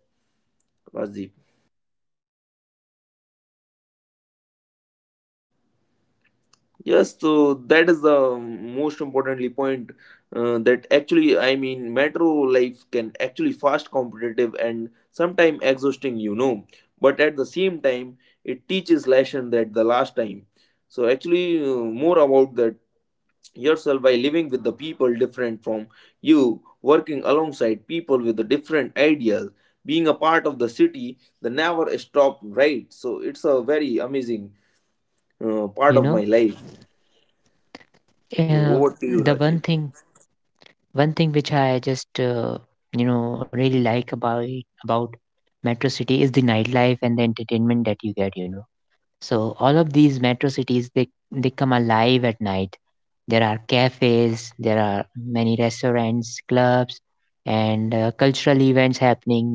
Rajiv. Yes, so that is the most importantly point, that actually I mean metro life can actually fast competitive and sometimes exhausting, you know, but at the same time it teaches lesson that the last time. So actually more about that yourself by living with the people different from you, working alongside people with the different ideas, being a part of the city that never stop, right? So it's a very amazing you part of know my life. uh, Over the to you, one thing, Rajiv. one thing which I just you know really like about about metro city is the nightlife and the entertainment that you get, you know. So all of these metro cities, they come alive at night. There are cafes, there are many restaurants, clubs, and cultural events happening. You know,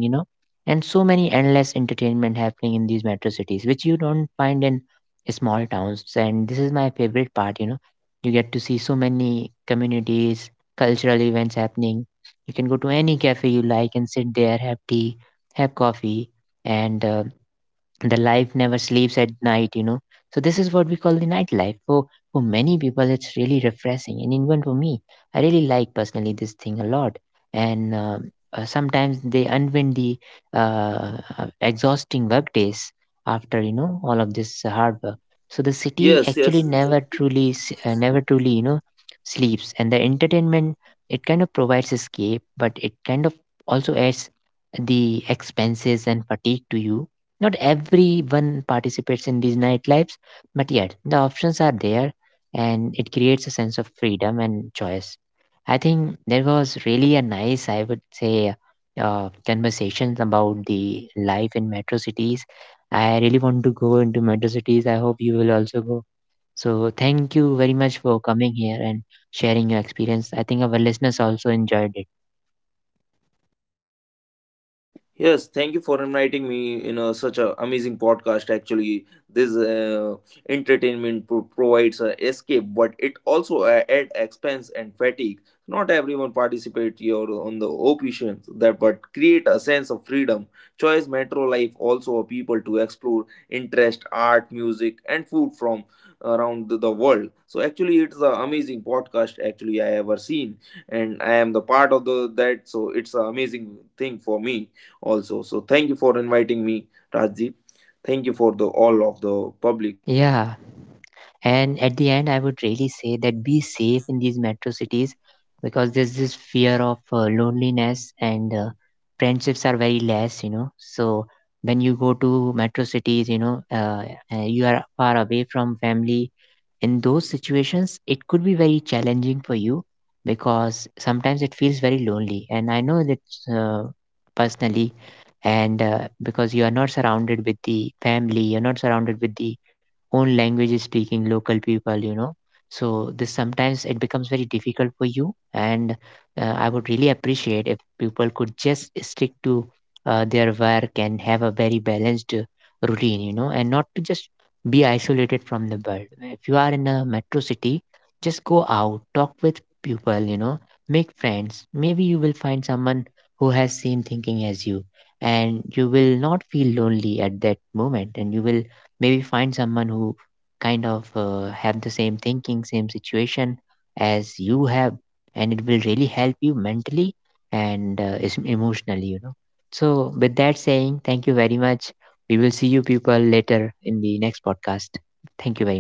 and so many endless entertainment happening in these metro cities, which you don't find in small towns. And this is my favorite part. You know, you get to see so many communities, cultural events happening. You can go to any cafe you like and sit there, have tea, have coffee, and the life never sleeps at night, you know. So this is what we call the nightlife. For many people, it's really refreshing, and even for me, I really like personally this thing a lot. And sometimes they unwind the uh, exhausting work days after, you know, all of this hard work. So the city actually Yes, yes. Never truly, you know, sleeps. And the entertainment, it kind of provides escape, but it kind of also adds the expenses and fatigue to you. Not everyone participates in these nightlives, but yet the options are there, and it creates a sense of freedom and choice. I think there was really a nice, I would say, conversation about the life in metro cities. I really want to go into metro cities. I hope you will also go. So, thank you very much for coming here and sharing your experience. I think our listeners also enjoyed it. Yes, thank you for inviting me in a such a amazing podcast. Actually, this entertainment provides a escape, but it also add expense and fatigue. Not everyone participate here on the occasions that, but create a sense of freedom. Choice Metro Life also a people to explore interest, art, music, and food from around the world. So actually, it's the amazing podcast actually I ever seen, and I am the part of the that. So it's an amazing thing for me also. So thank you for inviting me, Rajdeep. Thank you for the all of the public. Yeah. And at the end, I would really say that be safe in these metro cities, because there's this fear of loneliness and friendships are very less, you know. So when you go to metro cities, you know, you are far away from family. In those situations, it could be very challenging for you, because sometimes it feels very lonely, and I know that uh, personally. And because you are not surrounded with the family, you're not surrounded with the own language speaking local people, you know. So this sometimes it becomes very difficult for you. And I would really appreciate if people could just stick to their work and have a very balanced routine, you know, and not to just be isolated from the world. If you are in a metro city, just go out, talk with people, you know, make friends. Maybe you will find someone who has same thinking as you, and you will not feel lonely at that moment. And you will maybe find someone who kind of have the same thinking, same situation as you have, and it will really help you mentally and emotionally, you know. So with that saying, thank you very much. We will see you people later in the next podcast. Thank you very much.